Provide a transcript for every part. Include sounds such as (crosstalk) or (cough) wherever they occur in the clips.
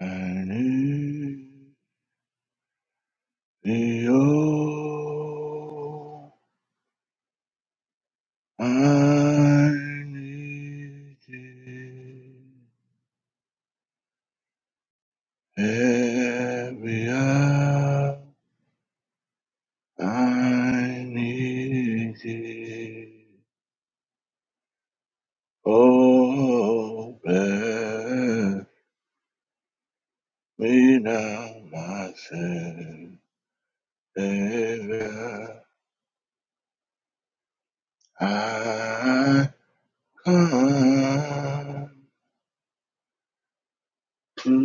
And in the old I need you every hour. I need you. Oh, bear me now, my sin, Savior. I come to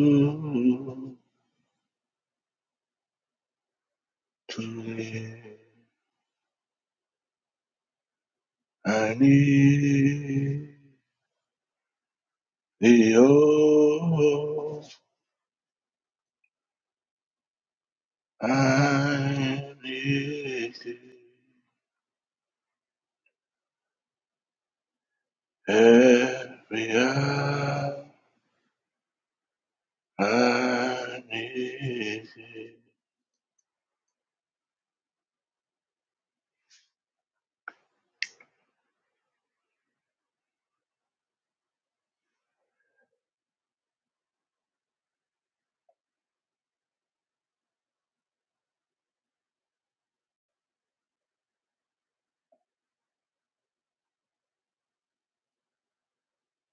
to thee. I need. The old I need thee. every hour I need thee.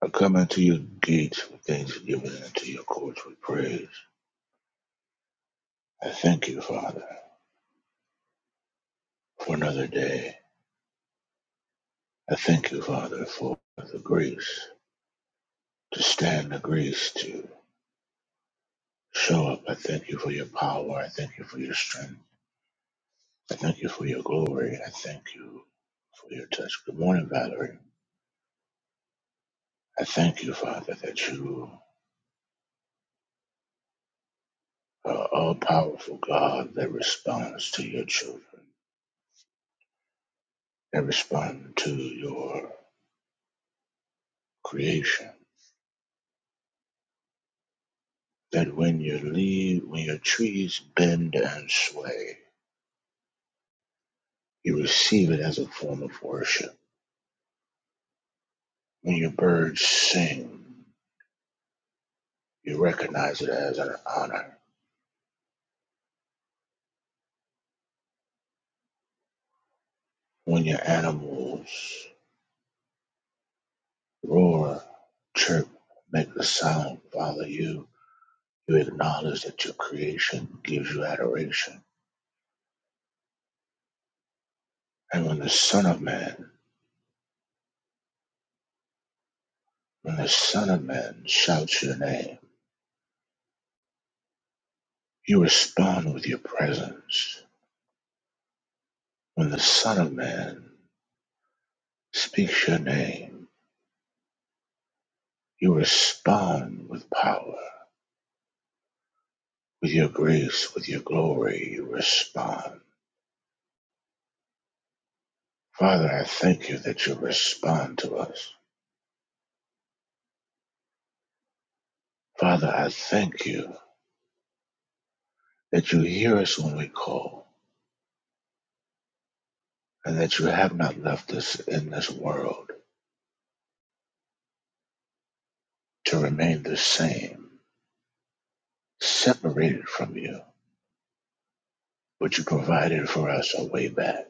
I come into your gates with thanksgiving and to your courts with praise. I thank you, Father, for another day. I thank you, Father, for the grace to stand, the grace to show up. I thank you for your power. I thank you for your strength. I thank you for your glory. I thank you for your touch. Good morning, Valerie. I thank you, Father, that you are all powerful God that responds to your children, that respond to your creation. That when your leaves, when your trees bend and sway, you receive it as a form of worship. When your birds sing, you recognize it as an honor. When your animals roar, chirp, make the sound, Father, you. You acknowledge that your creation gives you adoration. And when the Son of Man, when the Son of Man shouts your name, you respond with your presence. When the Son of Man speaks your name, you respond with power, with your grace, with your glory, you respond. Father, I thank you that you respond to us. Father, I thank you that you hear us when we call and that you have not left us in this world to remain the same, separated from you, but you provided for us a way back.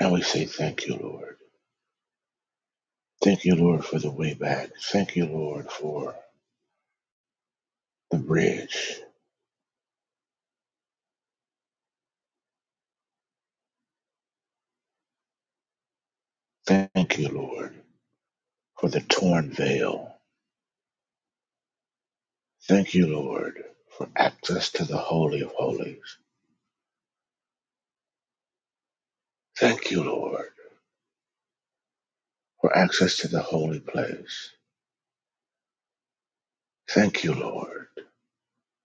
And we say thank you, Lord. Thank you, Lord, for the way back. Thank you, Lord, for the bridge. Thank you, Lord, for the torn veil. Thank you, Lord, for access to the Holy of Holies. Thank you, Lord, for access to the holy place. Thank you, Lord,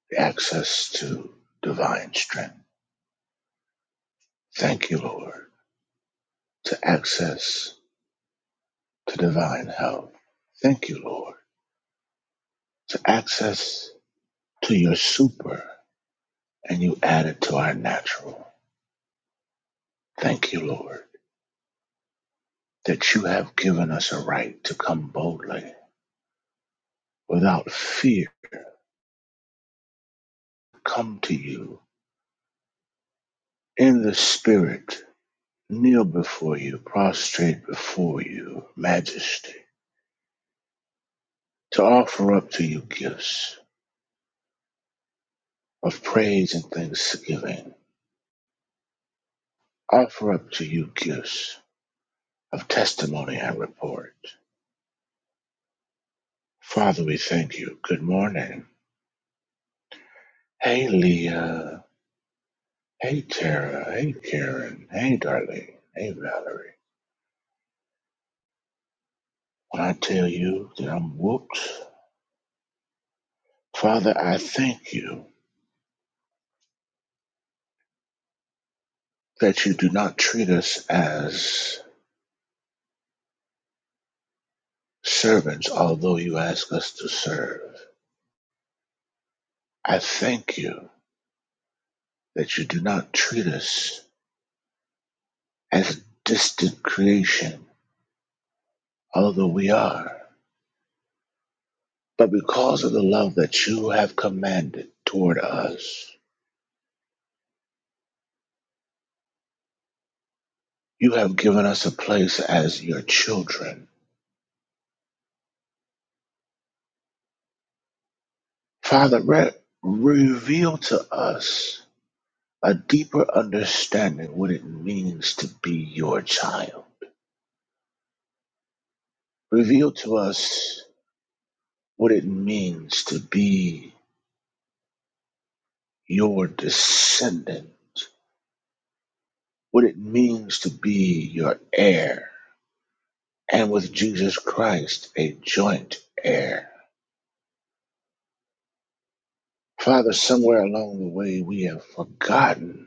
for access to divine strength. Thank you, Lord, to access to divine help. Thank you, Lord, to access to your super and you add it to our natural. Thank you, Lord, that you have given us a right to come boldly without fear, come to you in the spirit, kneel before you, prostrate before you, majesty, to offer up to you gifts of praise and thanksgiving, offer up to you gifts of testimony and report. Father, we thank you. Good morning. Hey, Leah. Hey, Tara. Hey, Karen. Hey, Darlene. Hey, Valerie. When I tell you that I'm whooped, Father, I thank you that you do not treat us as servants, although you ask us to serve. I thank you that you do not treat us as distant creation, although we are. But because of the love that you have commanded toward us, You have given us a place as your children. Father, re- reveal to us a deeper understanding what it means to be your child. Reveal to us what it means to be your descendant, what it means to be your heir, and with Jesus Christ, a joint heir. Father, somewhere along the way, we have forgotten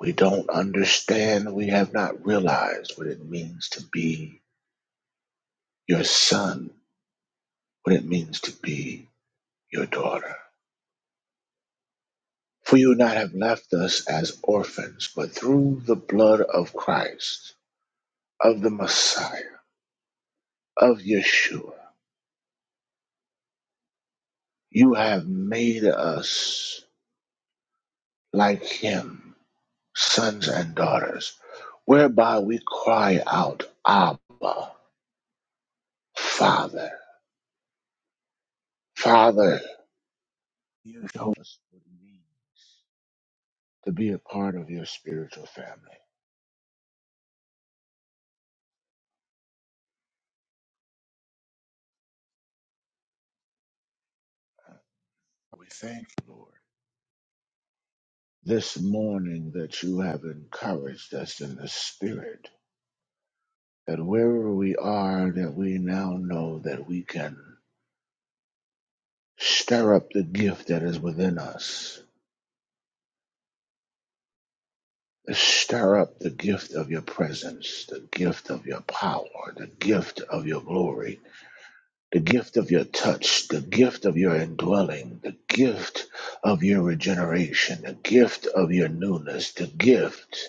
We don't understand, we have not realized what it means to be your son, what it means to be your daughter. For you not have left us as orphans, but through the blood of Christ, of the Messiah, of Yeshua, you have made us like him, sons and daughters, whereby we cry out, Abba, Father. Father, you show us what it means. to be a part of your spiritual family. We thank you, Lord, this morning that you have encouraged us in the spirit, that wherever we are, that we now know that we can stir up the gift that is within us. Stir up the gift of your presence, the gift of your power, the gift of your glory, the gift of your touch, the gift of your indwelling, the gift of your regeneration, the gift of your newness, the gift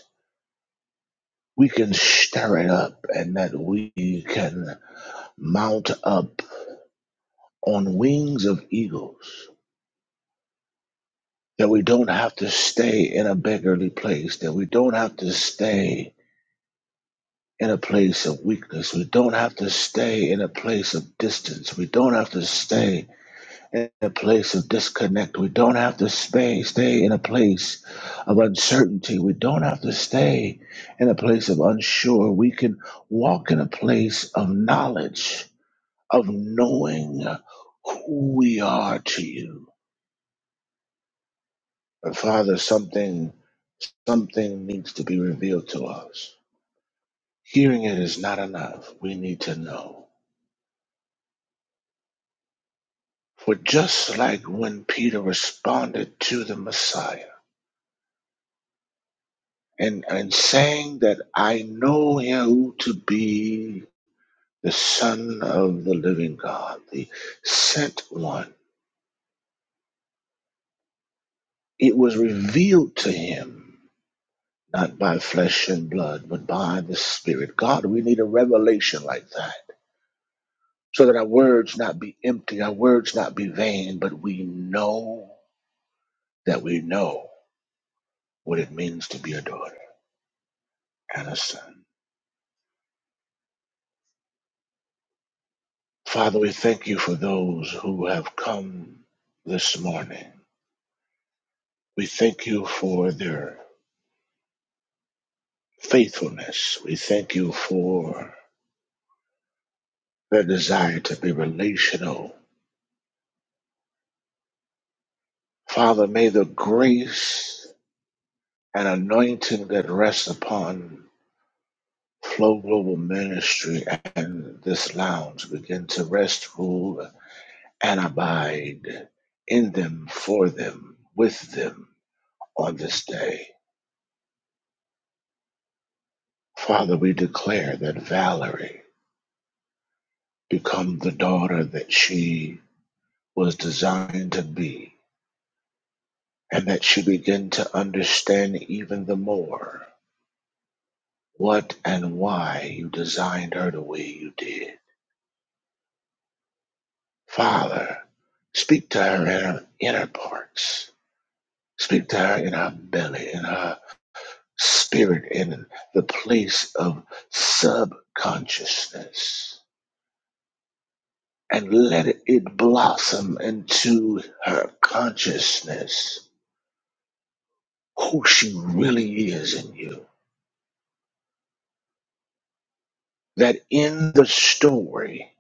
we can stir it up and that we can mount up on wings of eagles, that we don't have to stay in a beggarly place, that we don't have to stay in a place of weakness, we don't have to stay in a place of distance, we don't have to stay in a place of disconnect, we don't have to stay, stay in a place of uncertainty, we don't have to stay in a place of unsure, we can walk in a place of knowledge of knowing who we are to you. And Father, something something needs to be revealed to us. Hearing it is not enough. We need to know. For just like when Peter responded to the Messiah and, and saying that I know him to be the Son of the living God, the sent one, it was revealed to him not by flesh and blood, but by the Spirit. God, we need a revelation like that so that our words not be empty, our words not be vain, but we know that we know what it means to be a daughter and a son. Father, we thank you for those who have come this morning. We thank you for their faithfulness. We thank you for their desire to be relational. Father, may the grace an anointing that rests upon Flow Global Ministry and this lounge begin to rest, rule, and abide in them, for them, with them on this day. Father, we declare that Valerie become the daughter that she was designed to be, and that she begin to understand even the more what and why you designed her the way you did Father, speak to her in her inner parts. Speak to her in her belly, in her spirit, in the place of subconsciousness. And let it blossom into her consciousness who she really is in you. That in the story,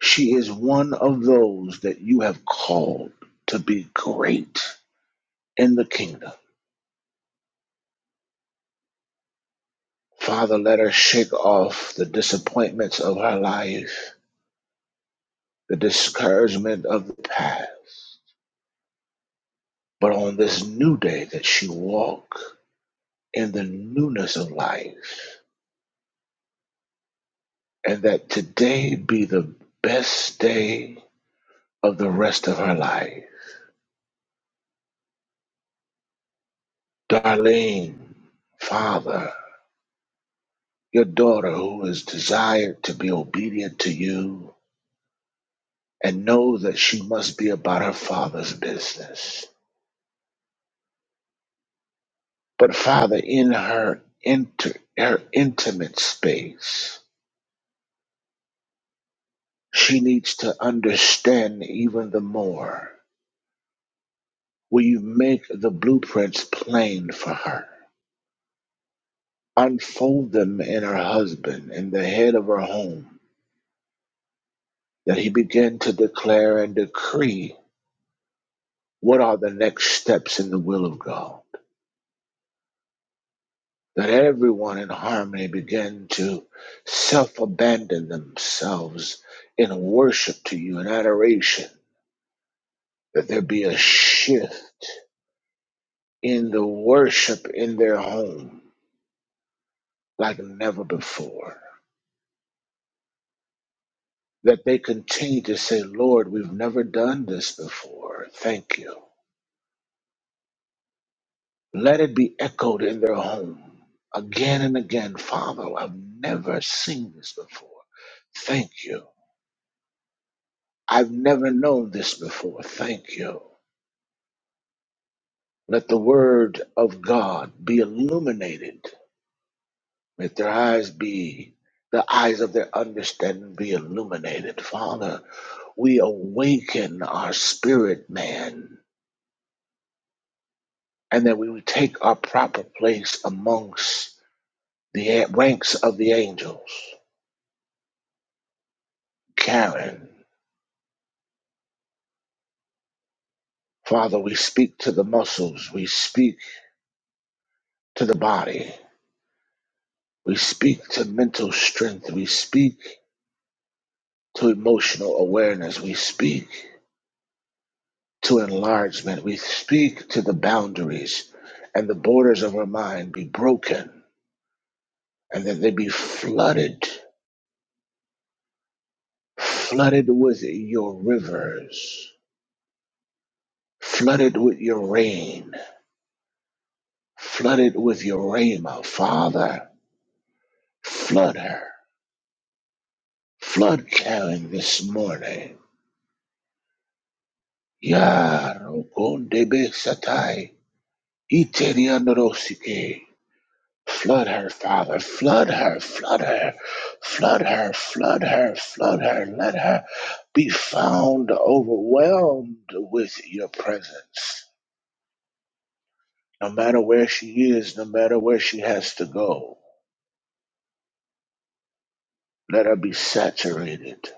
she is one of those that you have called to be great in the kingdom Father, let her shake off the disappointments of her life, the discouragement of the past. But on this new day, that she walk in the newness of life, and that today be the best day of the rest of her life. Darlene, Father, your daughter who is desired to be obedient to you and know that she must be about her father's business. But Father, in her inter, her intimate space, she needs to understand even the more. Will you make the blueprints plain for her? Unfold them in her husband and the head of her home, that he begin to declare and decree what are the next steps in the will of God. That everyone in harmony begin to self abandon themselves in worship to you in adoration that there be a shift in the worship in their home like never before. That they continue to say, Lord, we've never done this before. Thank you. Let it be echoed in their home again and again. Father, I've never seen this before. Thank you. I've never known this before. Thank you. Let the word of God be illuminated Let their eyes be, the eyes of their understanding be illuminated. Father, we awaken our spirit man and that we would take our proper place amongst the a- ranks of the angels. Karen, Father, we speak to the muscles, we speak to the body, we speak to mental strength, we speak to emotional awareness, we speak. to enlargement. We speak to the boundaries and the borders of our mind be broken and that they be flooded, flooded with your rivers, flooded with your rain, flooded with your rhema. Father, flood her. Flood Karen this morning. Ya Rokondebe Satai. Iteriandorosike. Flood her, Father. Flood her, flood her, flood her, flood her, flood her. Let her be found overwhelmed with your presence. No matter where she is, no matter where she has to go, let her be saturated.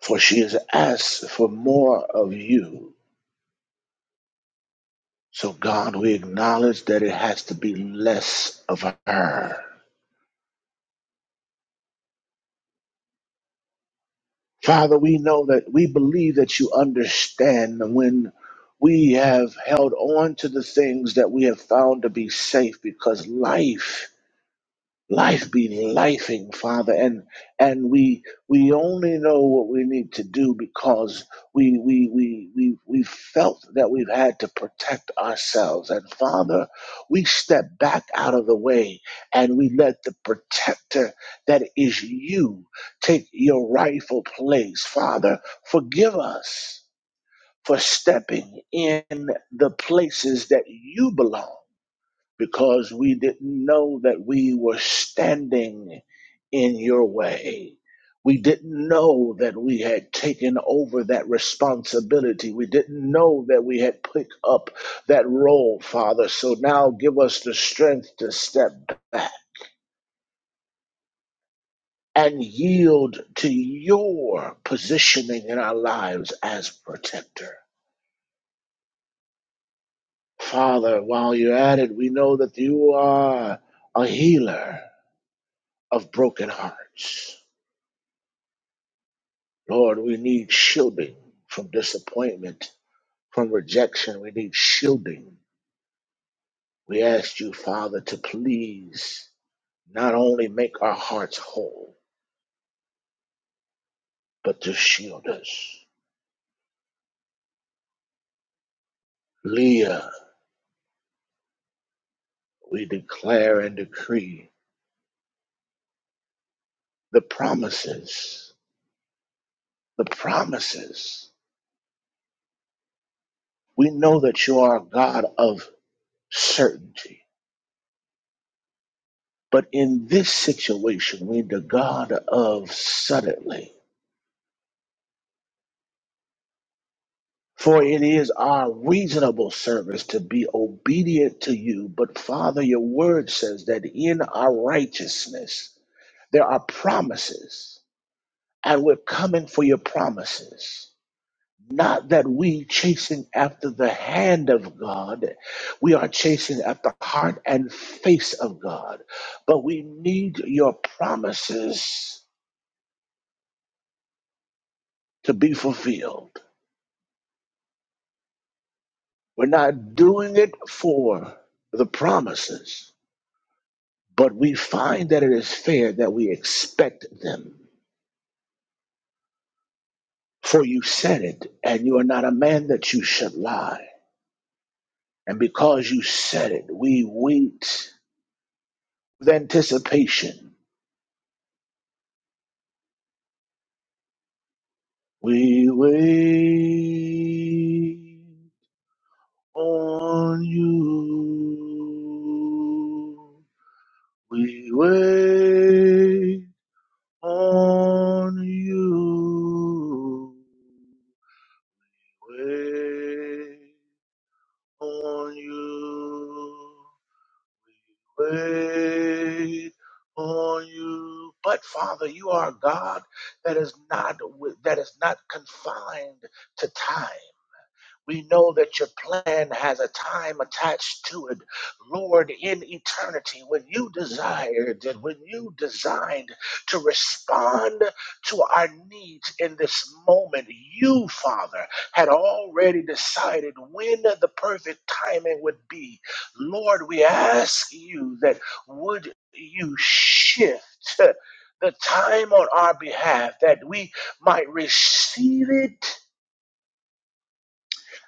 For she has asked for more of you. So, God, we acknowledge that it has to be less of her Father, we know that we believe that you understand when we have held on to the things that we have found to be safe because life life be lifing, Father, and and we we only know what we need to do because we we we we we felt that we've had to protect ourselves, and Father, we step back out of the way and we let the protector that is you take your rightful place, Father. Forgive us for stepping in the places that you belong because we didn't know that we were standing in your way. We didn't know that we had taken over that responsibility. We didn't know that we had picked up that role, Father. So now give us the strength to step back and yield to your positioning in our lives as protector. Father, while you're at it, we know that you are a healer of broken hearts. Lord, we need shielding from disappointment, from rejection. We need shielding. We ask you, Father, to please not only make our hearts whole, but to shield us. Leah, we declare and decree the promises, the promises. We know that you are a God of certainty, but in this situation, we the God of suddenly. For it is our reasonable service to be obedient to you. But Father, your word says that in our righteousness there are promises, and we're coming for your promises. Not that we chasing after the hand of God, we are chasing at the heart and face of God. But we need your promises to be fulfilled. We're not doing it for the promises. But we find that it is fair that we expect them. For you said it, and you are not a man that you should lie. And because you said it, we wait with anticipation. We wait on you. We wait on you. Wait on you, wait on you. But Father, you are a God that is not wi- that is not confined to time. We know that your plan has a time attached to it. Lord, in eternity, when you desired and when you designed to respond to our needs in this moment, you, Father, had already decided when the perfect timing would be. Lord, we ask you that would you shift the time on our behalf that we might receive it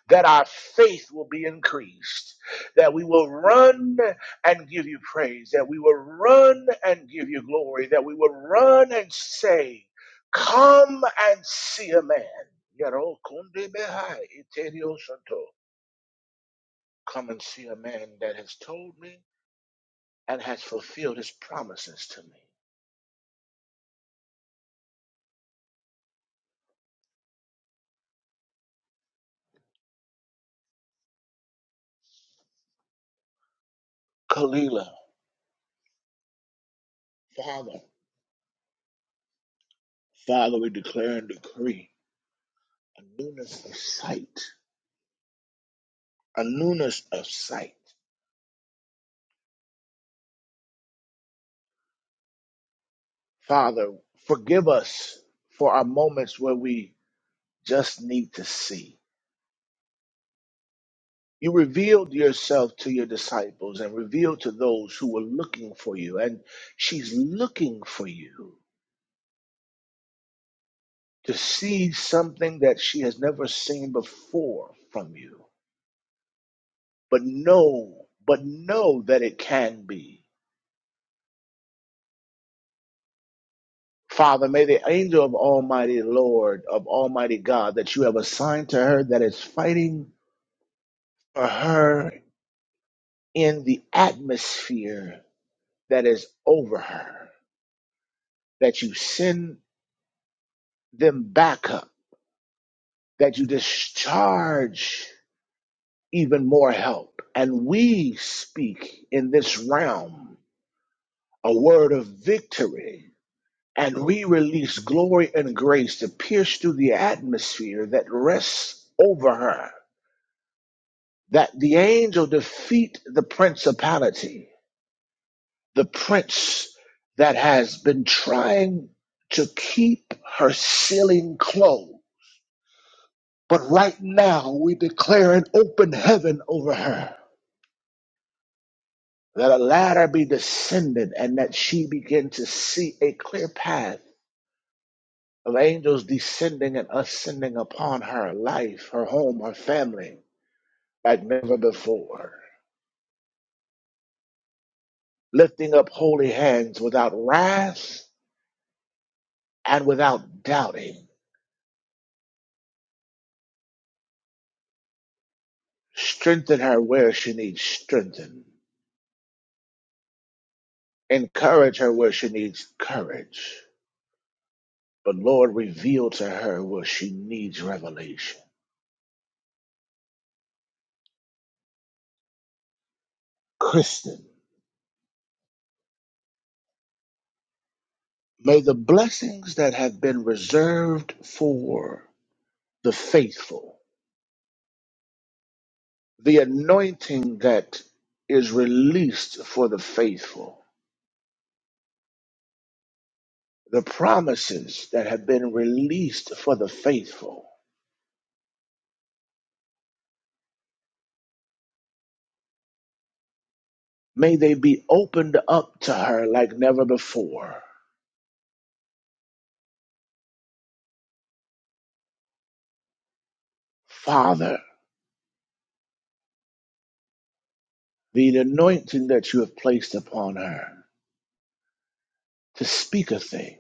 that our faith will be increased, that we will run and give you praise, that we will run and give you glory, that we will run and say, Come and see a man. Yaro kunde behai iterio santo. Come and see a man that has told me and has fulfilled his promises to me. Kalila, Father, Father, we declare and decree a newness of sight, a newness of sight. Father, forgive us for our moments where we just need to see. You revealed yourself to your disciples and revealed to those who were looking for you. And she's looking for you to see something that she has never seen before from you. But know, but know that it can be. Father, may the angel of Almighty Lord, of Almighty God that you have assigned to her that is fighting for her in the atmosphere that is over her, that you send them back up, that you discharge even more help. And we speak in this realm a word of victory. And we release glory and grace to pierce through the atmosphere that rests over her, that the angel defeat the principality the prince that has been trying to keep her ceiling closed. But right now, we declare an open heaven over her. That a ladder be descended and that she begin to see a clear path of angels descending and ascending upon her life, her home, her family, like never before. Lifting up holy hands without wrath and without doubting. Strengthen her where she needs strengthened Encourage her where she needs courage. But Lord, reveal to her where she needs revelation. Kristen, may the blessings that have been reserved for the faithful, the anointing that is released for the faithful, the promises that have been released for the faithful, may they be opened up to her like never before. Father, the anointing that you have placed upon her. to speak a thing,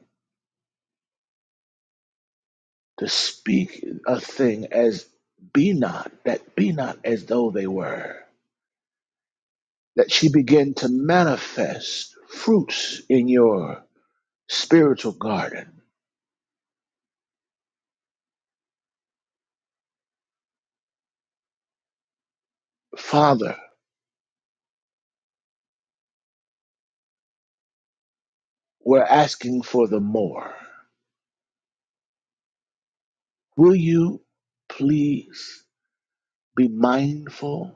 to speak a thing as be not, that be not as though they were, that she begin to manifest fruits in your spiritual garden. Father, we're asking for the more. Will you please be mindful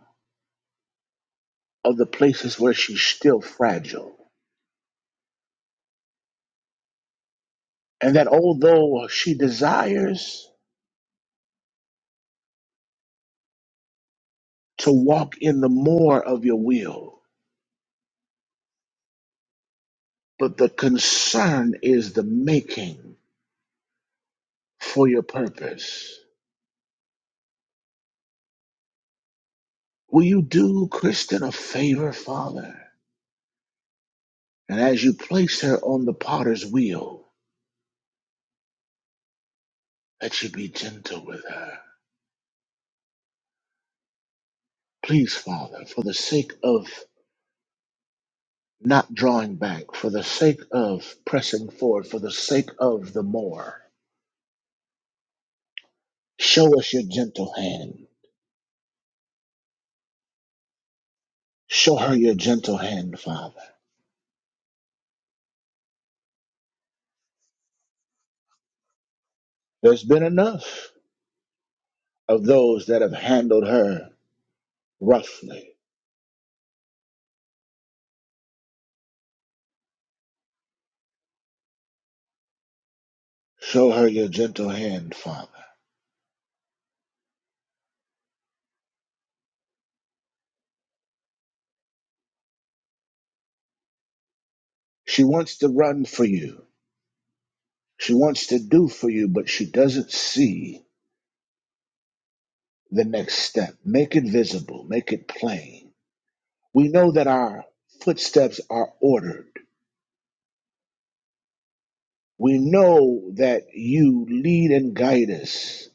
of the places where she's still fragile? And that although she desires to walk in the more of your will, but the concern is the making for your purpose. Will you do Kristen a favor, Father? And as you place her on the potter's wheel, that you be gentle with her. Please, Father, for the sake of not drawing back, for the sake of pressing forward, for the sake of the more, show us your gentle hand. Show her your gentle hand, Father. There's been enough of those that have handled her roughly Show her your gentle hand, Father. She wants to run for you. She wants to do for you, but she doesn't see the next step. Make it visible, make it plain. We know that our footsteps are ordered. We know that you lead and guide us.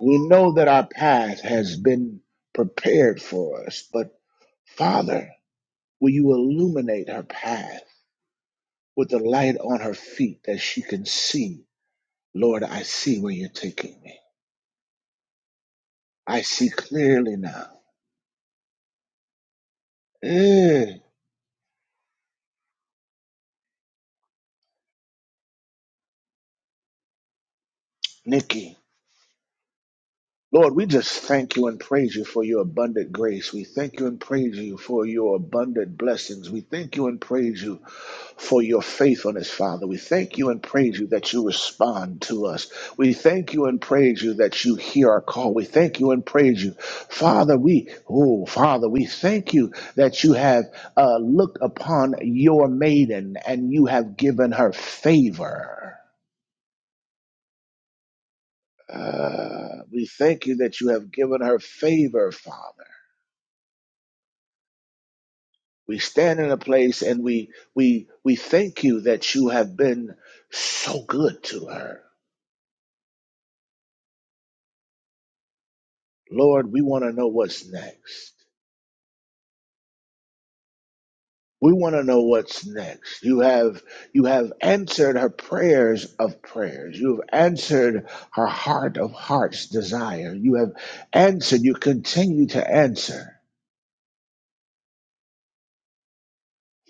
We know that our path has been prepared for us. But, Father, will you illuminate her path with the light on her feet that she can see? Lord, I see where you're taking me. I see clearly now. Mm, Nikki. Lord, we just thank you and praise you for your abundant grace. We thank you and praise you for your abundant blessings. We thank you and praise you for your faithfulness, Father. We thank you and praise you that you respond to us. We thank you and praise you that you hear our call. We thank you and praise you. Father, we, oh, Father, we thank you that you have uh, looked upon your maiden and you have given her favor. Uh, we thank you that you have given her favor, Father. We stand in a place and we we we thank you that you have been so good to her. Lord, we want to know what's next. We want to know what's next. You have you have answered her prayers of prayers. You have answered her heart of hearts desire. You have answered, you continue to answer.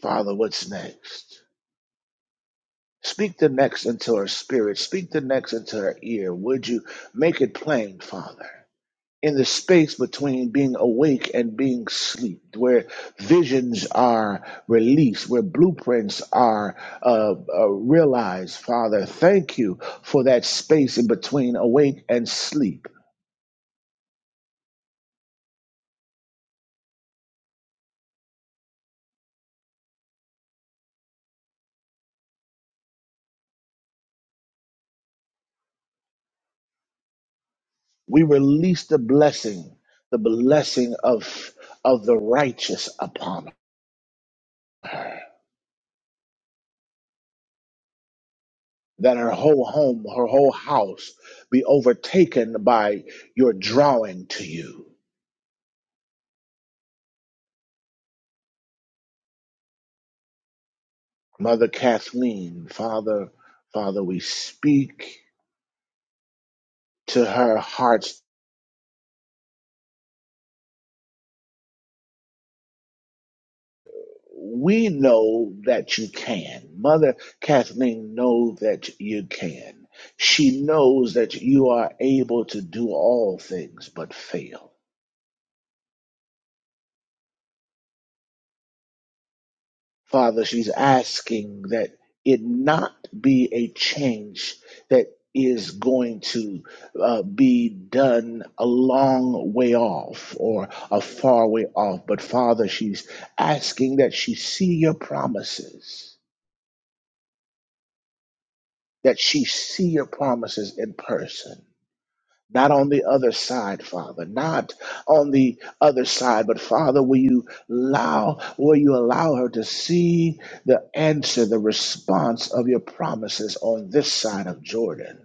Father, what's next? Speak the next into her spirit. Speak the next into her ear. Would you make it plain, Father? In the space between being awake and being asleep, where visions are released, where blueprints are uh, uh, realized, Father, thank you for that space in between awake and sleep. We release the blessing, the blessing of of the righteous upon us that her whole home, her whole house be overtaken by your drawing to you. Mother Kathleen, Father, Father, we speak to her heart's. We know that you can. Mother Kathleen knows that you can. She knows that you are able to do all things but fail. Father, she's asking that it not be a change that is going to uh, be done a long way off or a far way off. But Father, she's asking that she see your promises, that she see your promises in person Not on the other side, Father. Not on the other side, but Father, will you allow, will you allow her to see the answer, the response of your promises on this side of Jordan?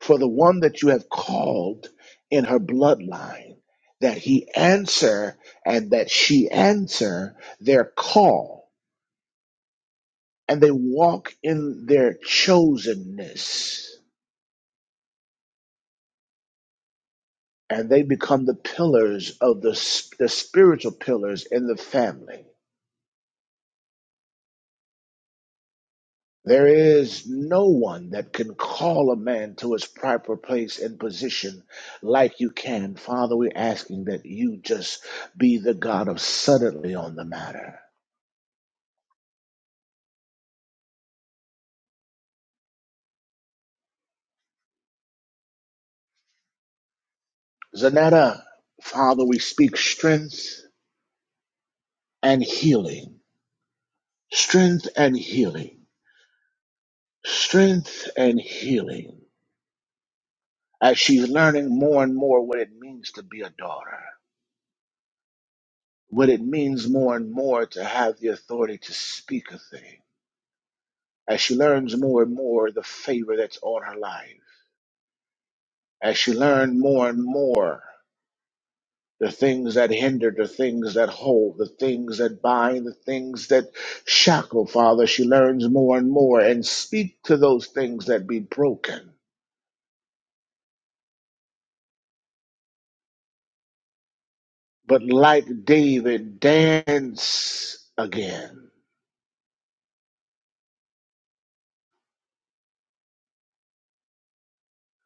For the one that you have called in her bloodline, that he answer and that she answer their call, and they walk in their chosenness and they become the pillars of the, s- the spiritual pillars in the family. There is no one that can call a man to his proper place and position like you can. Father, we're asking that you just be the God of suddenly on the matter. Zanetta, Father, we speak strength and healing, strength and healing, strength and healing, as she's learning more and more what it means to be a daughter. what it means more and more to have the authority to speak a thing. As she learns more and more the favor that's on her life. As she learns more and more the things that hinder, the things that hold, the things that bind, the things that shackle, Father, she learns more and more and speak to those things that be broken. But like David, dance again.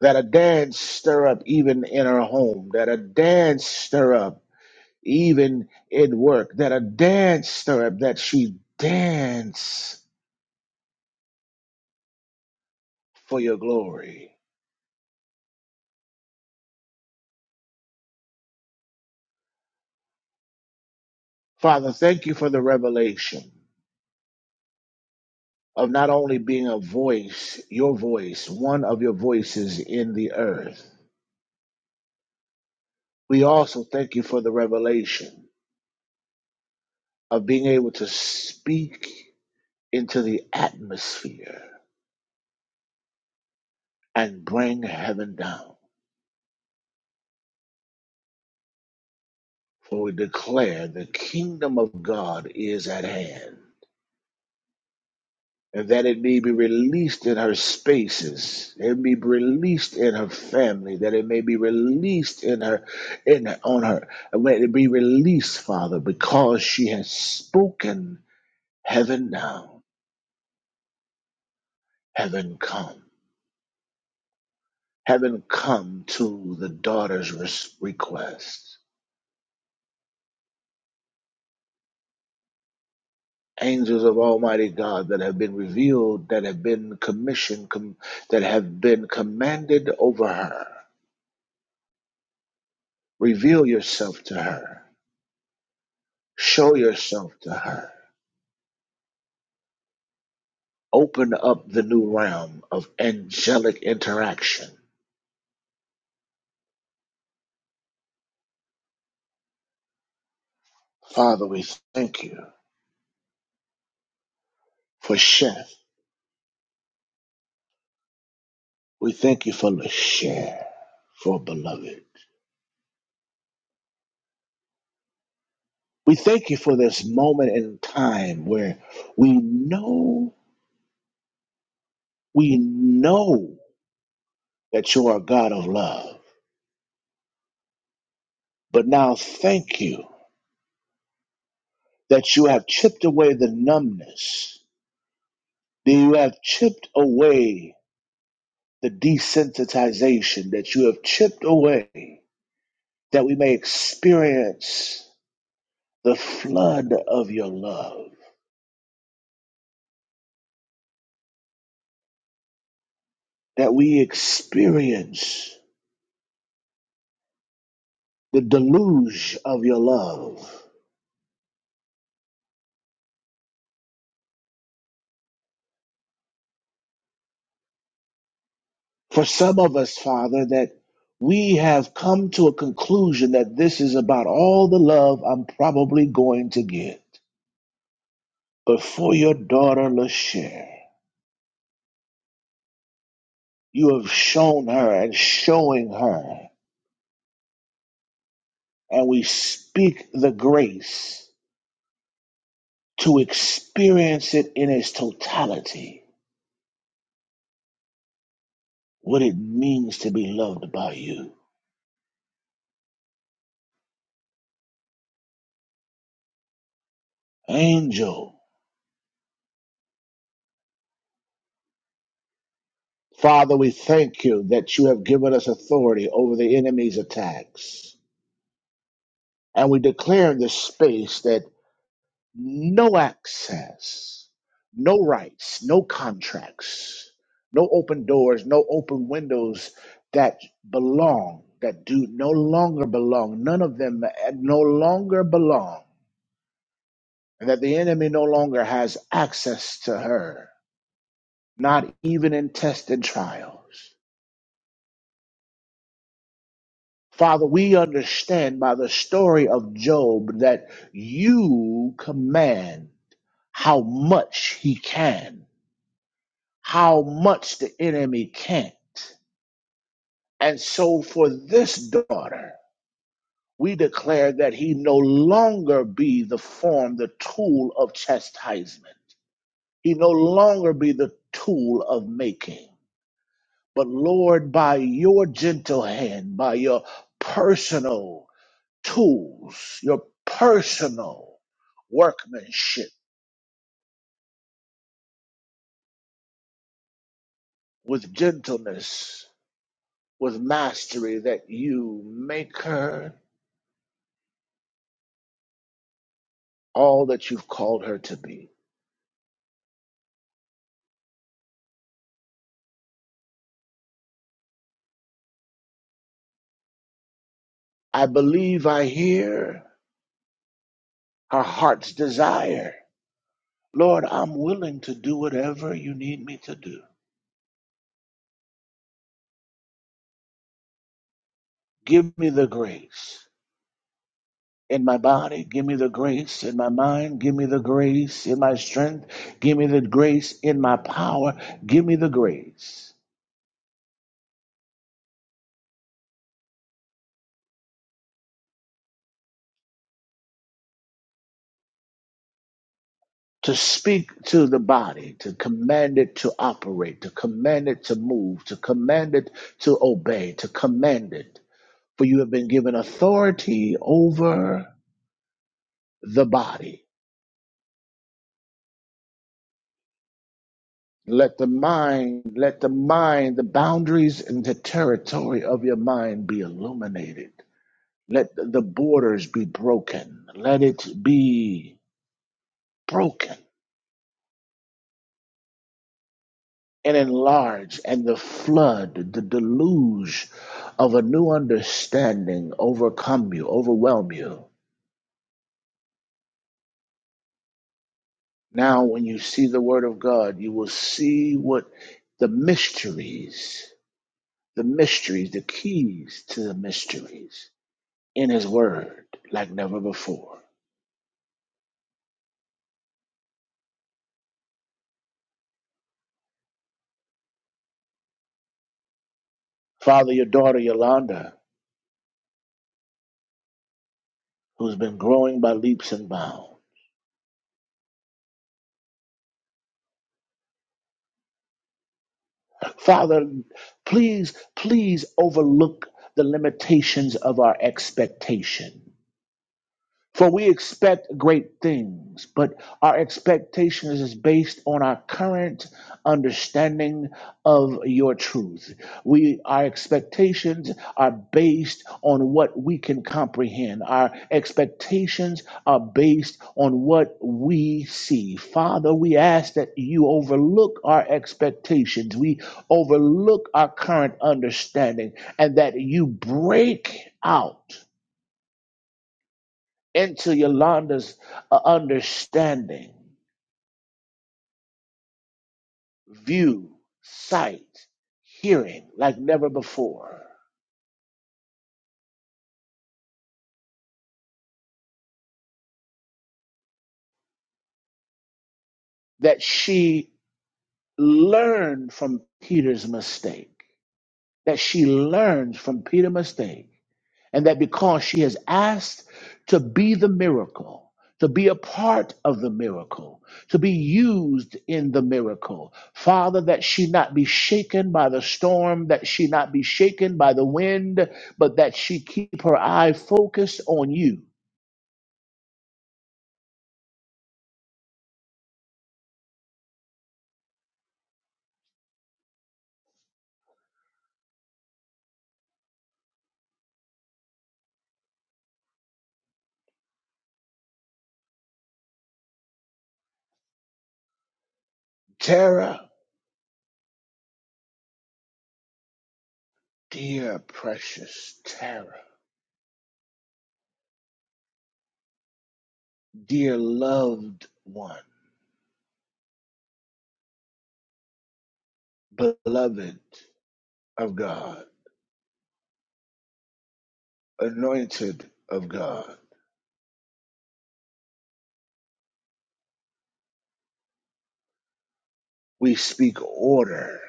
That a dance stir up even in her home. That a dance stir up even in work, that a dance stirrup that she dance for your glory. Father, thank you for the revelation of not only being a voice, your voice, one of your voices in the earth. We also thank you for the revelation of being able to speak into the atmosphere and bring heaven down. For we declare the kingdom of God is at hand and that it may be released in her spaces, it may be released in her family, that it may be released in her, in her, on her, and let it be released, Father, because she has spoken heaven now, heaven come, heaven come to the daughter's res- request. Angels of Almighty God that have been revealed, that have been commissioned, com- that have been commanded over her, reveal yourself to her Show yourself to her. Open up the new realm of angelic interaction. Father, we thank you for Chef. We thank you for Lashare, for beloved. We thank you for this moment in time where we know, we know that you are a God of love. But now thank you that you have chipped away the numbness, that you have chipped away the desensitization that you have chipped away, that we may experience the flood of your love, that we experience the deluge of your love. For some of us, Father, that we have come to a conclusion that this is about all the love I'm probably going to get. But for your daughter, LaShare, you have shown her and showing her, and we speak the grace to experience it in its totality, what it means to be loved by you. Angel, Father, we thank you that you have given us authority over the enemy's attacks. And we declare in this space that no access, no rights, no contracts, no open doors, no open windows that belong, that do no longer belong, none of them no longer belong and that the enemy no longer has access to her, not even in tests and trials. Father, we understand by the story of Job that you command how much he can, how much the enemy can't. And so for this daughter, we declare that he no longer be the form, the tool of chastisement. He no longer be the tool of making. But Lord, by your gentle hand, by your personal tools, your personal workmanship with gentleness, with mastery, that you make her all that you've called her to be. I believe I hear her heart's desire. Lord, I'm willing to do whatever you need me to do. Give me the grace. in my body, give me the grace. In my mind, give me the grace. In my strength, give me the grace. In my power, give me the grace. To speak to the body, to command it to operate, to command it to move, to command it to obey, to command it. For you have been given authority over the body. Let the mind, let the mind, the boundaries and the territory of your mind be illuminated Let the borders be broken. Let it be broken and enlarged, and the flood, the deluge of a new understanding overcome you, overwhelm you. Now, when you see the Word of God, you will see what the mysteries, the mysteries, the keys to the mysteries in His Word like never before. Father, your daughter Yolanda, who's been growing by leaps and bounds. Father, please, please overlook the limitations of our expectation. For we expect great things, but our expectation is based on our current understanding of your truth. We our expectations are based on what we can comprehend. Our expectations are based on what we see. Father, we ask that you overlook our expectations. We overlook our current understanding and that you break out into Yolanda's uh, understanding, view, sight, hearing like never before. That she learned from Peter's mistake. That she learned from Peter's mistake and that because she has asked to be the miracle, to be a part of the miracle, to be used in the miracle, Father, that she not be shaken by the storm, that she not be shaken by the wind, but that she keep her eye focused on you. Tara, dear precious Tara, dear loved one, beloved of God, anointed of God, we speak order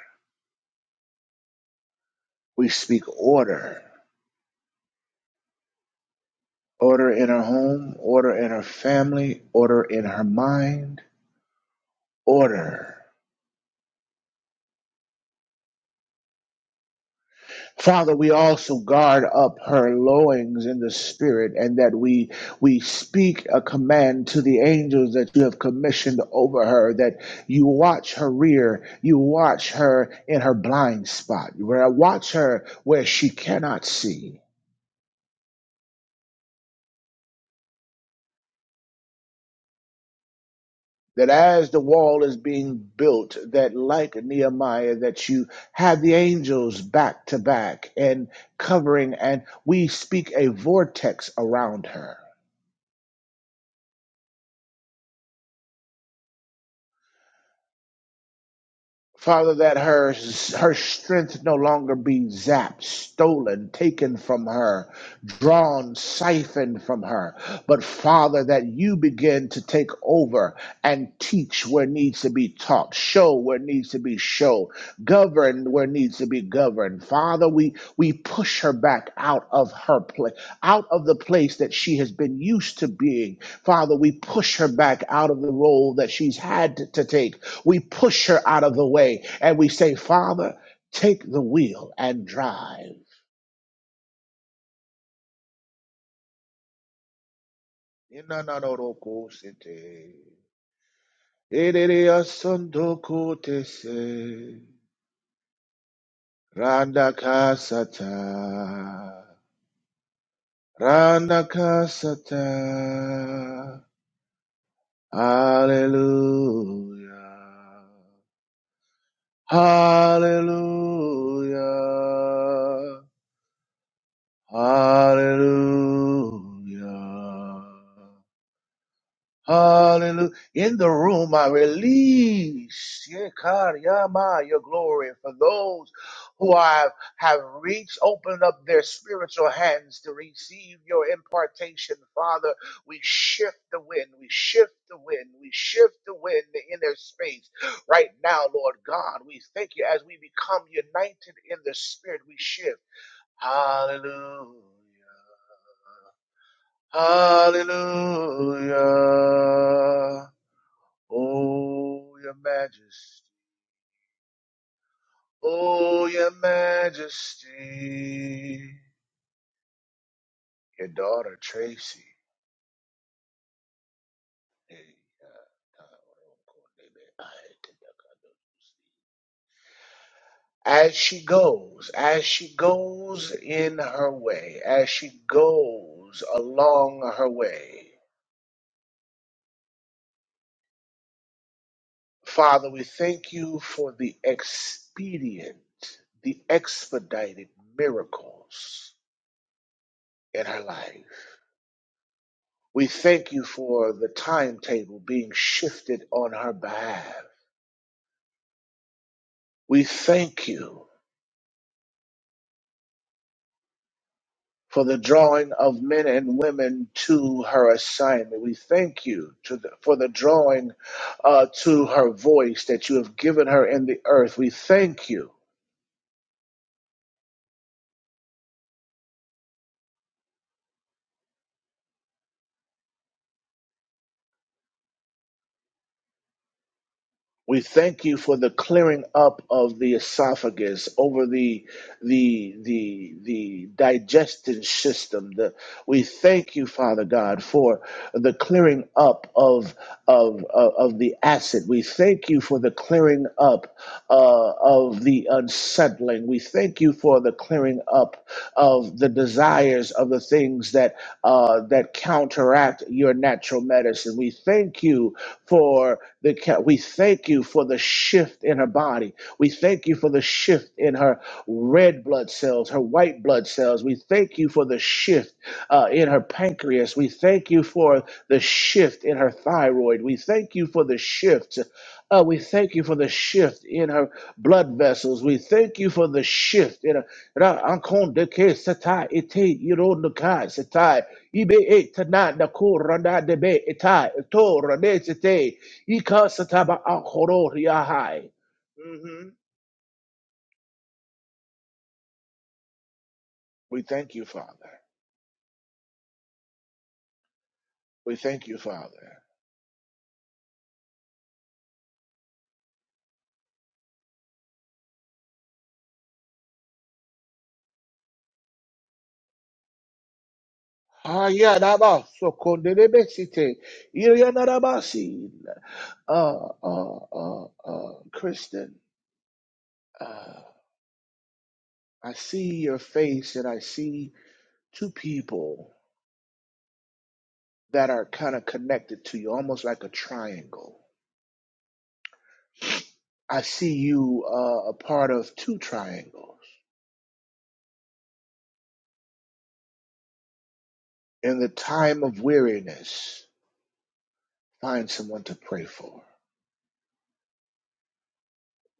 We speak order. Order in her home, order in her family, order in her mind, order. Father, we also guard up her lowings in the spirit, and that we we speak a command to the angels that you have commissioned over her, that you watch her rear, you watch her in her blind spot, where watch her where she cannot see. that as the wall is being built, that like Nehemiah, that you have the angels back to back and covering, and we speak a vortex around her. Father, that her her strength no longer be zapped, stolen, taken from her, drawn, siphoned from her, but Father, that you begin to take over and teach where needs to be taught, show where needs to be shown, govern where needs to be governed. Father, we we push her back out of her place, out of the place that she has been used to being. Father, we push her back out of the role that she's had to, to take we push her out of the way and we say, Father, take the wheel and drive. Inananorokosete. Ereriasondokotese. Randakasata. Randakasata. Hallelujah. Hallelujah. Hallelujah. Hallelujah. In the room, I release Yekariyama, your glory for those who have, have reached, opened up their spiritual hands to receive your impartation. Father, we shift the wind, we shift the wind, we shift the wind in their space. Right now, Lord God, we thank you as we become united in the spirit, we shift. Hallelujah. Hallelujah. Oh, your majesty. Oh, your majesty. Your daughter, Tracy. Hey, uh, As she goes, as she goes in her way, as she goes along her way, Father, we thank you for the expedient, the expedited miracles in her life. We thank you for the timetable being shifted on her behalf. We thank you for the drawing of men and women to her assignment. We thank you to the, for the drawing uh, to her voice that you have given her in the earth. We thank you We thank you for the clearing up of the esophagus over the the the the digestion system. The, we thank you, Father God, for the clearing up of of of, of the acid. We thank you for the clearing up uh, of the unsettling. We thank you for the clearing up of the desires of the things that uh, that counteract your natural medicine. We thank you for the ca- we thank you for the shift in her body. We thank you for the shift in her red blood cells, her white blood cells. We thank you for the shift uh, in her pancreas. We thank you for the shift in her thyroid. We thank you for the shift. Uh, we thank you for the shift in her blood vessels. We thank you for the shift in her. Ra- ankon de ke satai ite iro nukai satai. Ibe e tana na ko rana de be itai. Ito rane sete. Ika sataba ankoro riahai. Mhm. We thank you, Father. We thank you, Father. Ah, yeah, that was so cool. Did it be sitting? Yeah, yeah, that was it. Uh, uh, uh, uh, Kristen. uh, I see your face and I see two people that are kind of connected to you, almost like a triangle. I see you uh, a part of two triangles. In the time of weariness, find someone to pray for.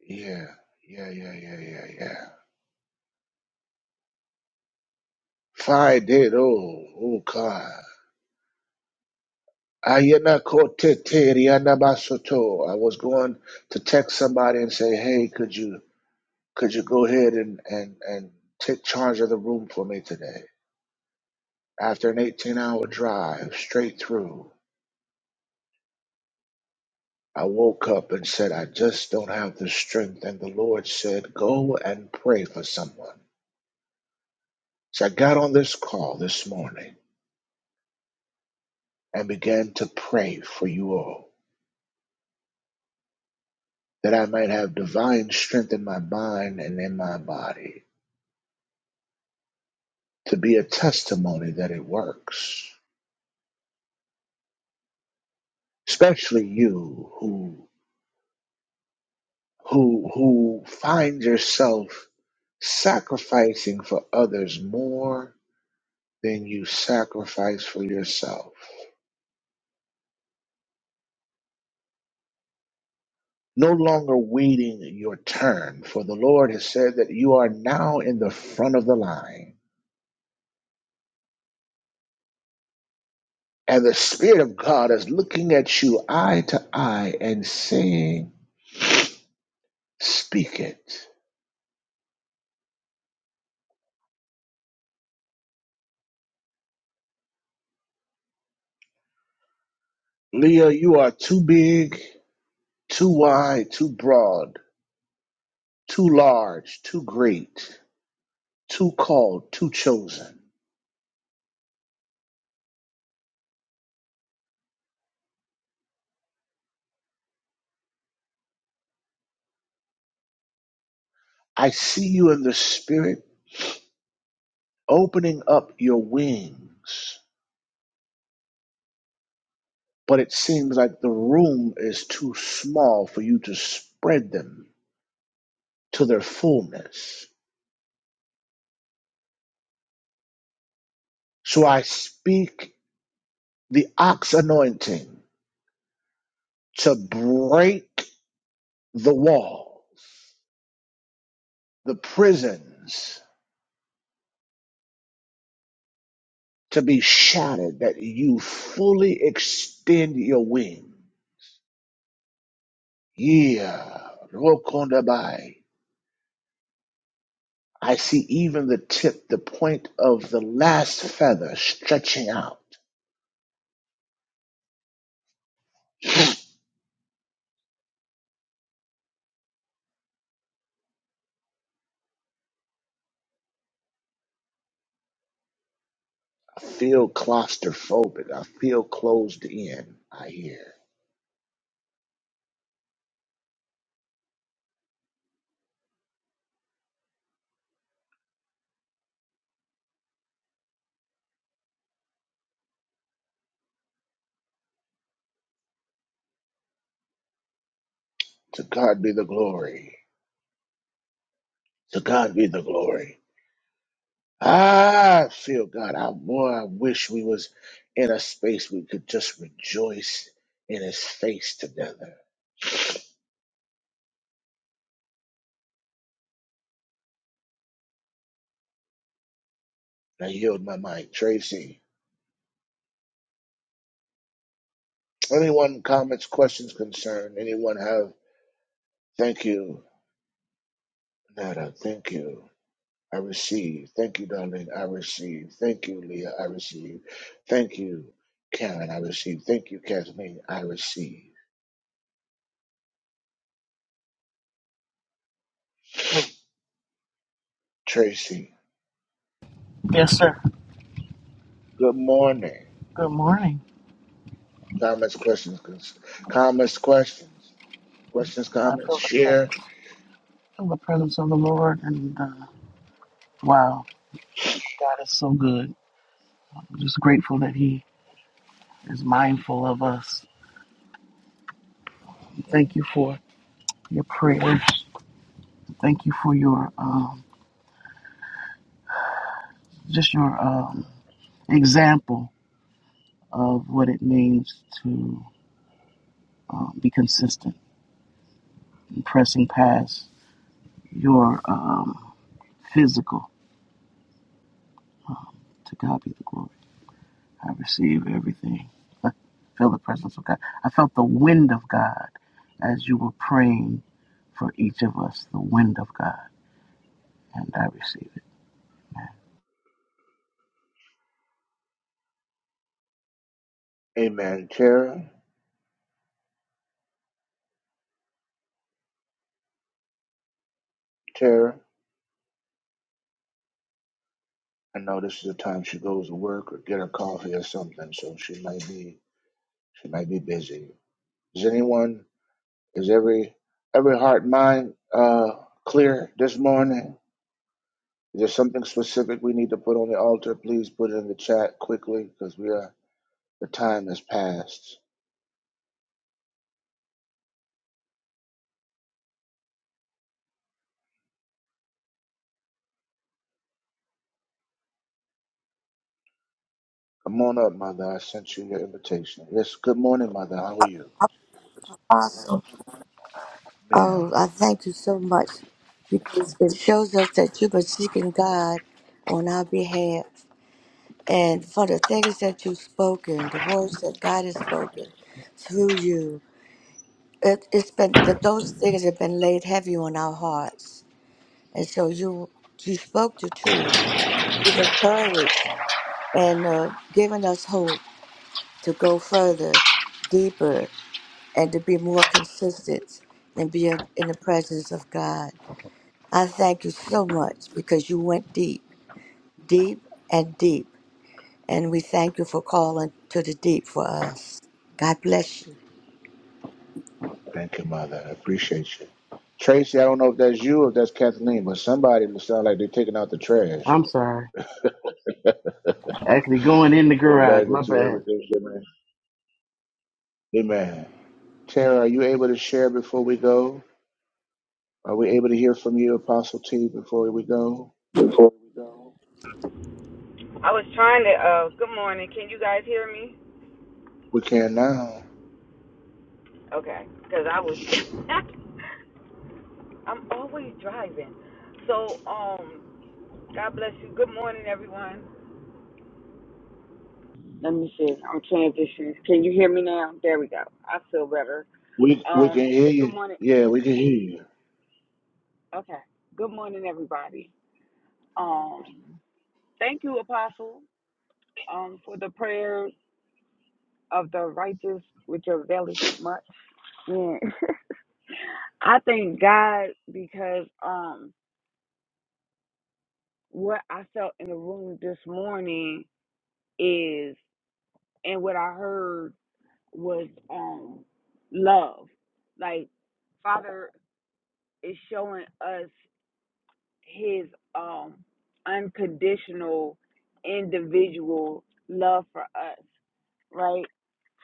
Yeah, yeah, yeah, yeah, yeah, yeah. Find it. Oh, oh, God. Ayana kote te riana I was going to text somebody and say, hey, could you? Could you go ahead and, and, and take charge of the room for me today? After an 18 hour drive straight through, I woke up and said, I just don't have the strength. And the Lord said, Go and pray for someone. So I got on this call this morning and began to pray for you all that I might have divine strength in my mind and in my body to be a testimony that it works, especially you who who who find yourself sacrificing for others more than you sacrifice for yourself. No longer waiting your turn, for the Lord has said that you are now in the front of the line. And the Spirit of God is looking at you eye to eye and saying, Speak it. Leah, you are too big, too wide, too broad, too large, too great, too called, too chosen. I see you in the Spirit opening up your wings, but it seems like the room is too small for you to spread them to their fullness. So I speak the ox anointing to break the walls, the prisons to be shattered, that you fully extend your wing. Yeah, Rokondabai. I see even the tip, the point of the last feather stretching out I feel claustrophobic. I feel closed in. I hear. To God be the glory. To God be the glory. Ah, I feel God. I boy, I wish we was in a space we could just rejoice in His face together. I yield my mic, Tracy. Anyone comments, questions, concern? Anyone have? Thank you, Nada. Thank you. I receive. Thank you, darling. I receive. Thank you, Leah. I receive. Thank you, Karen. I receive. Thank you, Kathleen. I receive. Tracy, Yes, sir. good morning. Good morning. Comments, questions, cons- comments, questions, questions, I comments, feel the share. presence. feel the presence of the Lord, and uh, wow, God is so good. I'm just grateful that He is mindful of us. Thank you for your prayers. Thank you for your um, just your um, example of what it means to um, be consistent and pressing past your um, physical. To God be the glory. I receive everything. I feel the presence of God. I felt the wind of God as you were praying for each of us, the wind of God, and I receive it. Amen. Tara, Tara, I know this is the time she goes to work or get her coffee or something, so she might be, she might be busy. Is anyone, is every, every heart, and mind, uh, clear this morning? Is there something specific we need to put on the altar? Please put it in the chat quickly because we are the time has passed. Come on up, mother. I sent you your invitation. Yes, good morning, mother. How are you? Awesome. Man, Oh, I thank you so much because it shows us that you've been seeking God on our behalf. And for the things that you've spoken, the words that God has spoken through you, it, it's been that those things have been laid heavy on our hearts. And so you you spoke the truth. You've encouraged and uh, given us hope to go further, deeper, and to be more consistent and be in in the presence of God. I thank you so much because you went deep, deep and deep. And we thank you for calling to the deep for us. God bless you. thank you, mother. I appreciate you. Tracy, I don't know if that's you or if that's Kathleen, but somebody will sound like they're taking out the trash. I'm sorry. Actually, going in the Pour garage, back my into bad. everything. Amen. Amen. Tara, are you able to share before we go? Are we able to hear from you, Apostle T, before we go? I was trying to. Uh, good morning. Can you guys hear me? We can now. Okay, because I was. (laughs) I'm always driving. So, um, God bless you. Good morning, everyone. Let me see. I'm transitioning. Can you hear me now? There we go. I feel better. We we Um, can hear good you. morning. Yeah, we can hear you. Okay. Good morning, everybody. Um, thank you, Apostle, um, for the prayer of the righteous, which availeth much. Yeah. (laughs) I thank God because um what I felt in the room this morning is, and what I heard was um love. Like Father is showing us His um unconditional, individual love for us, right?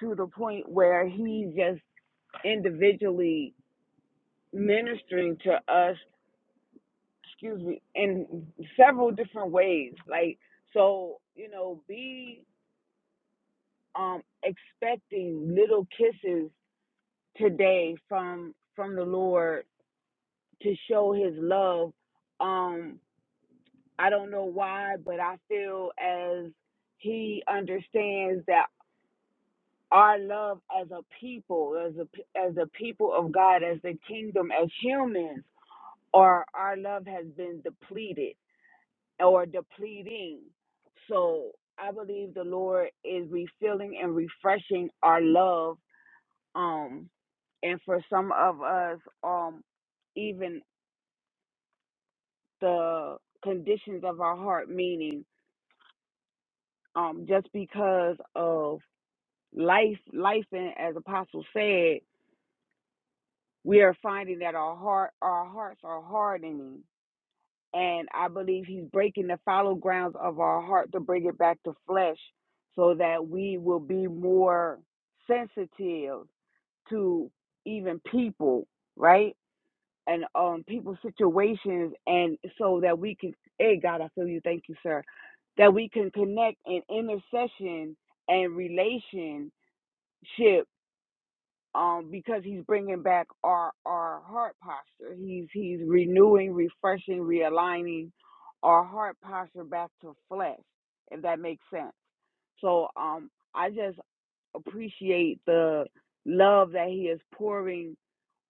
To the point where He's just individually ministering to us. Excuse me, in several different ways. Like so, you know, be um, expecting little kisses today from from the Lord to show His love. Um, I don't know why, but I feel as He understands that our love as a people, as a p- as a people of God, as the kingdom, as humans, or our love has been depleted or depleting. So I believe the Lord is refilling and refreshing our love Um, and for some of us, um, even the conditions of our heart, meaning um, just because of life, life, and as Apostle said, we are finding that our heart, our hearts are hardening, and I believe He's breaking the fallow grounds of our heart to bring it back to flesh, so that we will be more sensitive to even people, right? and um people's situations and so that we can hey God I feel you thank you sir that we can connect in intercession and relationship um because he's bringing back our our heart posture he's he's renewing refreshing realigning our heart posture back to flesh if that makes sense so um I just appreciate the love that he is pouring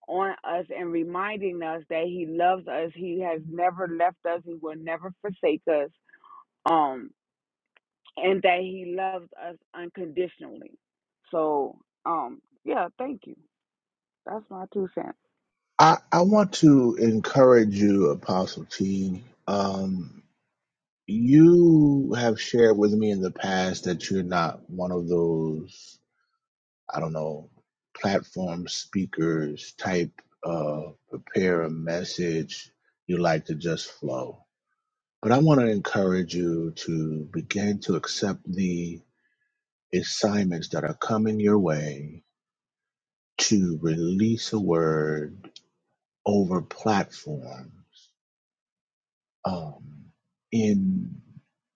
on us and reminding us that he loves us he has never left us he will never forsake us um and that he loves us unconditionally so um yeah thank you that's my two cents I, I want to encourage you, Apostle T. Um, you have shared with me in the past that you're not one of those, I don't know, platform speakers type, uh, prepare a message. You like to just flow. But I want to encourage you to begin to accept the assignments that are coming your way to release a word over platforms um, in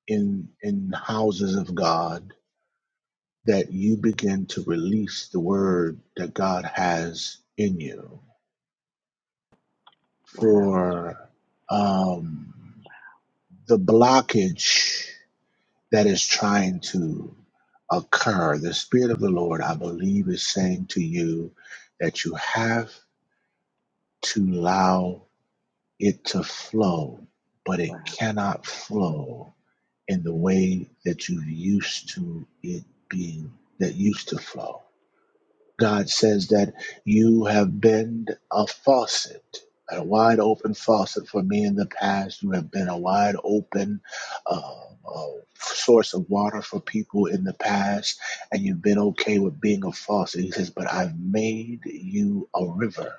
in in houses of God that you begin to release the word that God has in you for um, the blockage that is trying to occur. The Spirit of the Lord, I believe, is saying to you that you have to allow it to flow, but it wow cannot flow in the way that you used to it being that used to flow. God says that you have been a faucet, a wide open faucet for me in the past. You have been a wide open uh, uh, source of water for people in the past, and you've been okay with being a faucet. He says, But I've made you a river.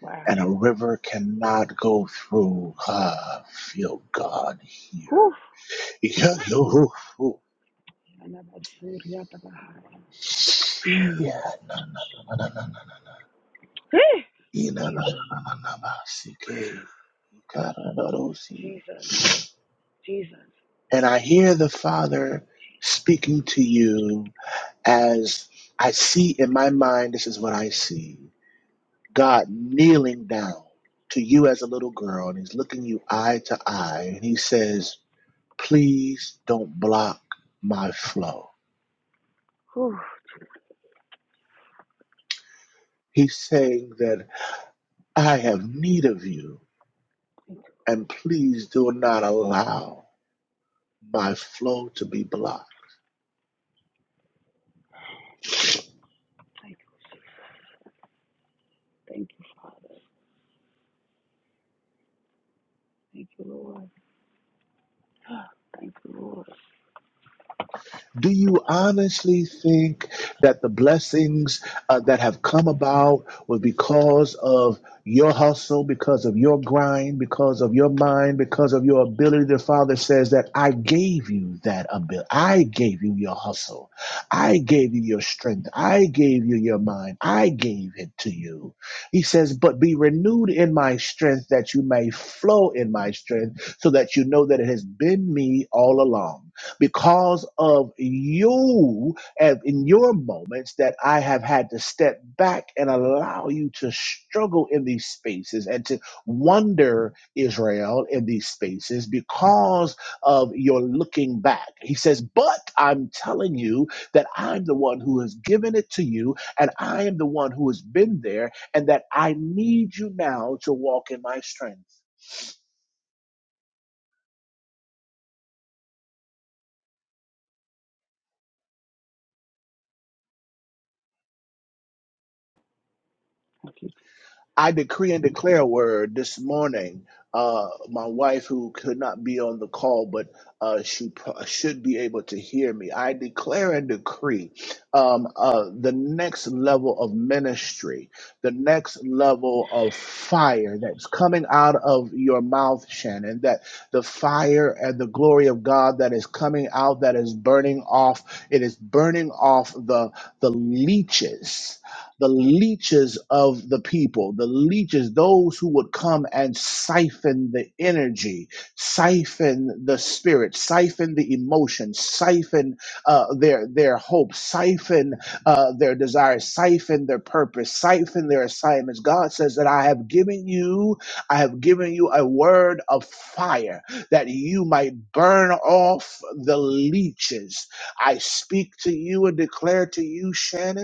wow And a river cannot go through. Ah, feel God here. Whew. (laughs) You know, Yeah. Na, na, na, na, na, na, na. (sighs) Ina, na, na, jesus na, na, na, ba, sike. Ikara, na, ro, si. jesus jesus And I hear the Father speaking to you as I see in my mind, this is what I see God kneeling down to you as a little girl, and He's looking you eye to eye, and He says, Please don't block my flow. Whew. He's saying that I have need of you, and please do not allow. my flow to be blocked. thank you father thank you lord thank you lord Do you honestly think that the blessings uh, that have come about were because of your hustle, because of your grind, because of your mind, because of your ability? The Father says that I gave you that ability. I gave you your hustle. I gave you your strength. I gave you your mind. I gave it to you. He says, But be renewed in my strength that you may flow in my strength, so that you know that it has been me all along because of you and in your moments that I have had to step back and allow you to struggle in these spaces and to wonder Israel in these spaces because of your looking back. He says, But I'm telling you that I'm the one who has given it to you and I am the one who has been there and that I need you now to walk in my strength. thank you I decree and declare a word this morning. Uh, my wife, who could not be on the call, but uh, she pro- should be able to hear me. I declare and decree um, uh, the next level of ministry, the next level of fire that's coming out of your mouth, Shannon. That the fire and the glory of God that is coming out, that is burning off. It is burning off the the leeches the leeches of the people, the leeches, those who would come and siphon the energy, siphon the spirit, siphon the emotion, siphon uh, their their hope, siphon uh, their desires, siphon their purpose, siphon their assignments. God says that I have given you, I have given you a word of fire that you might burn off the leeches. I speak to you and declare to you, Shannon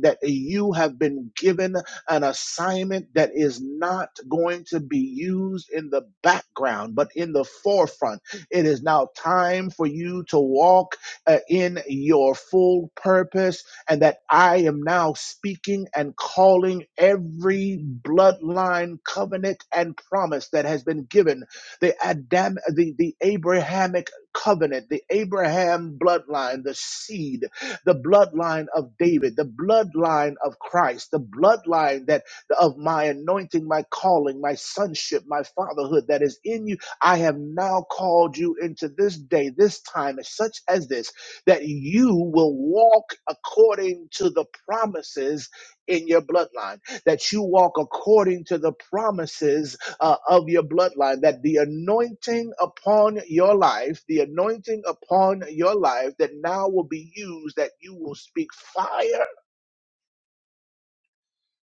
that you have been given an assignment that is not going to be used in the background, but in the forefront. It is now time for you to walk uh, in your full purpose, and that I am now speaking and calling every bloodline covenant and promise that has been given the Adam, the, the Abrahamic covenant, the Abraham bloodline, the seed the bloodline of David, the bloodline of Christ, the bloodline that of my anointing, my calling, my sonship, my fatherhood that is in you. I have now called you into this day, this time, such as this, that you will walk according to the promises in your bloodline, that you walk according to the promises uh, of your bloodline, that the anointing upon your life, the anointing upon your life that now will be used, that you will speak fire,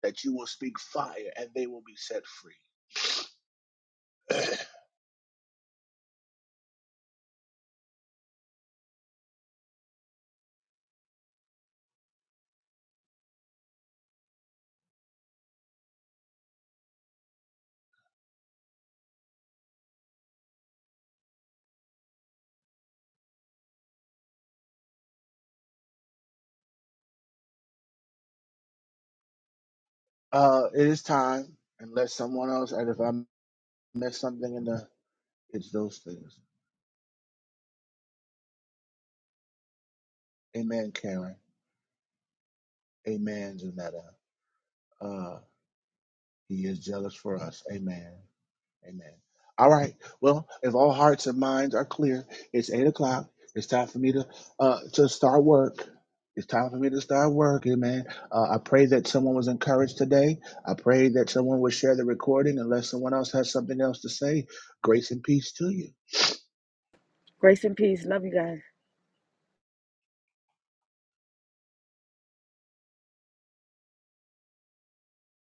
that you will speak fire, and they will be set free. (clears throat) uh, it is time, unless someone else, and if I miss something in the, it's those things. Amen, Karen. Amen, Janetta. Uh, he is jealous for us. Amen. Amen. All right. Well, if all hearts and minds are clear, it's eight o'clock. It's time for me to uh to start work. It's time for me to start work, amen. Uh, I pray that someone was encouraged today. I pray that someone would share the recording unless someone else has something else to say. Grace and peace to you. grace and peace love you guys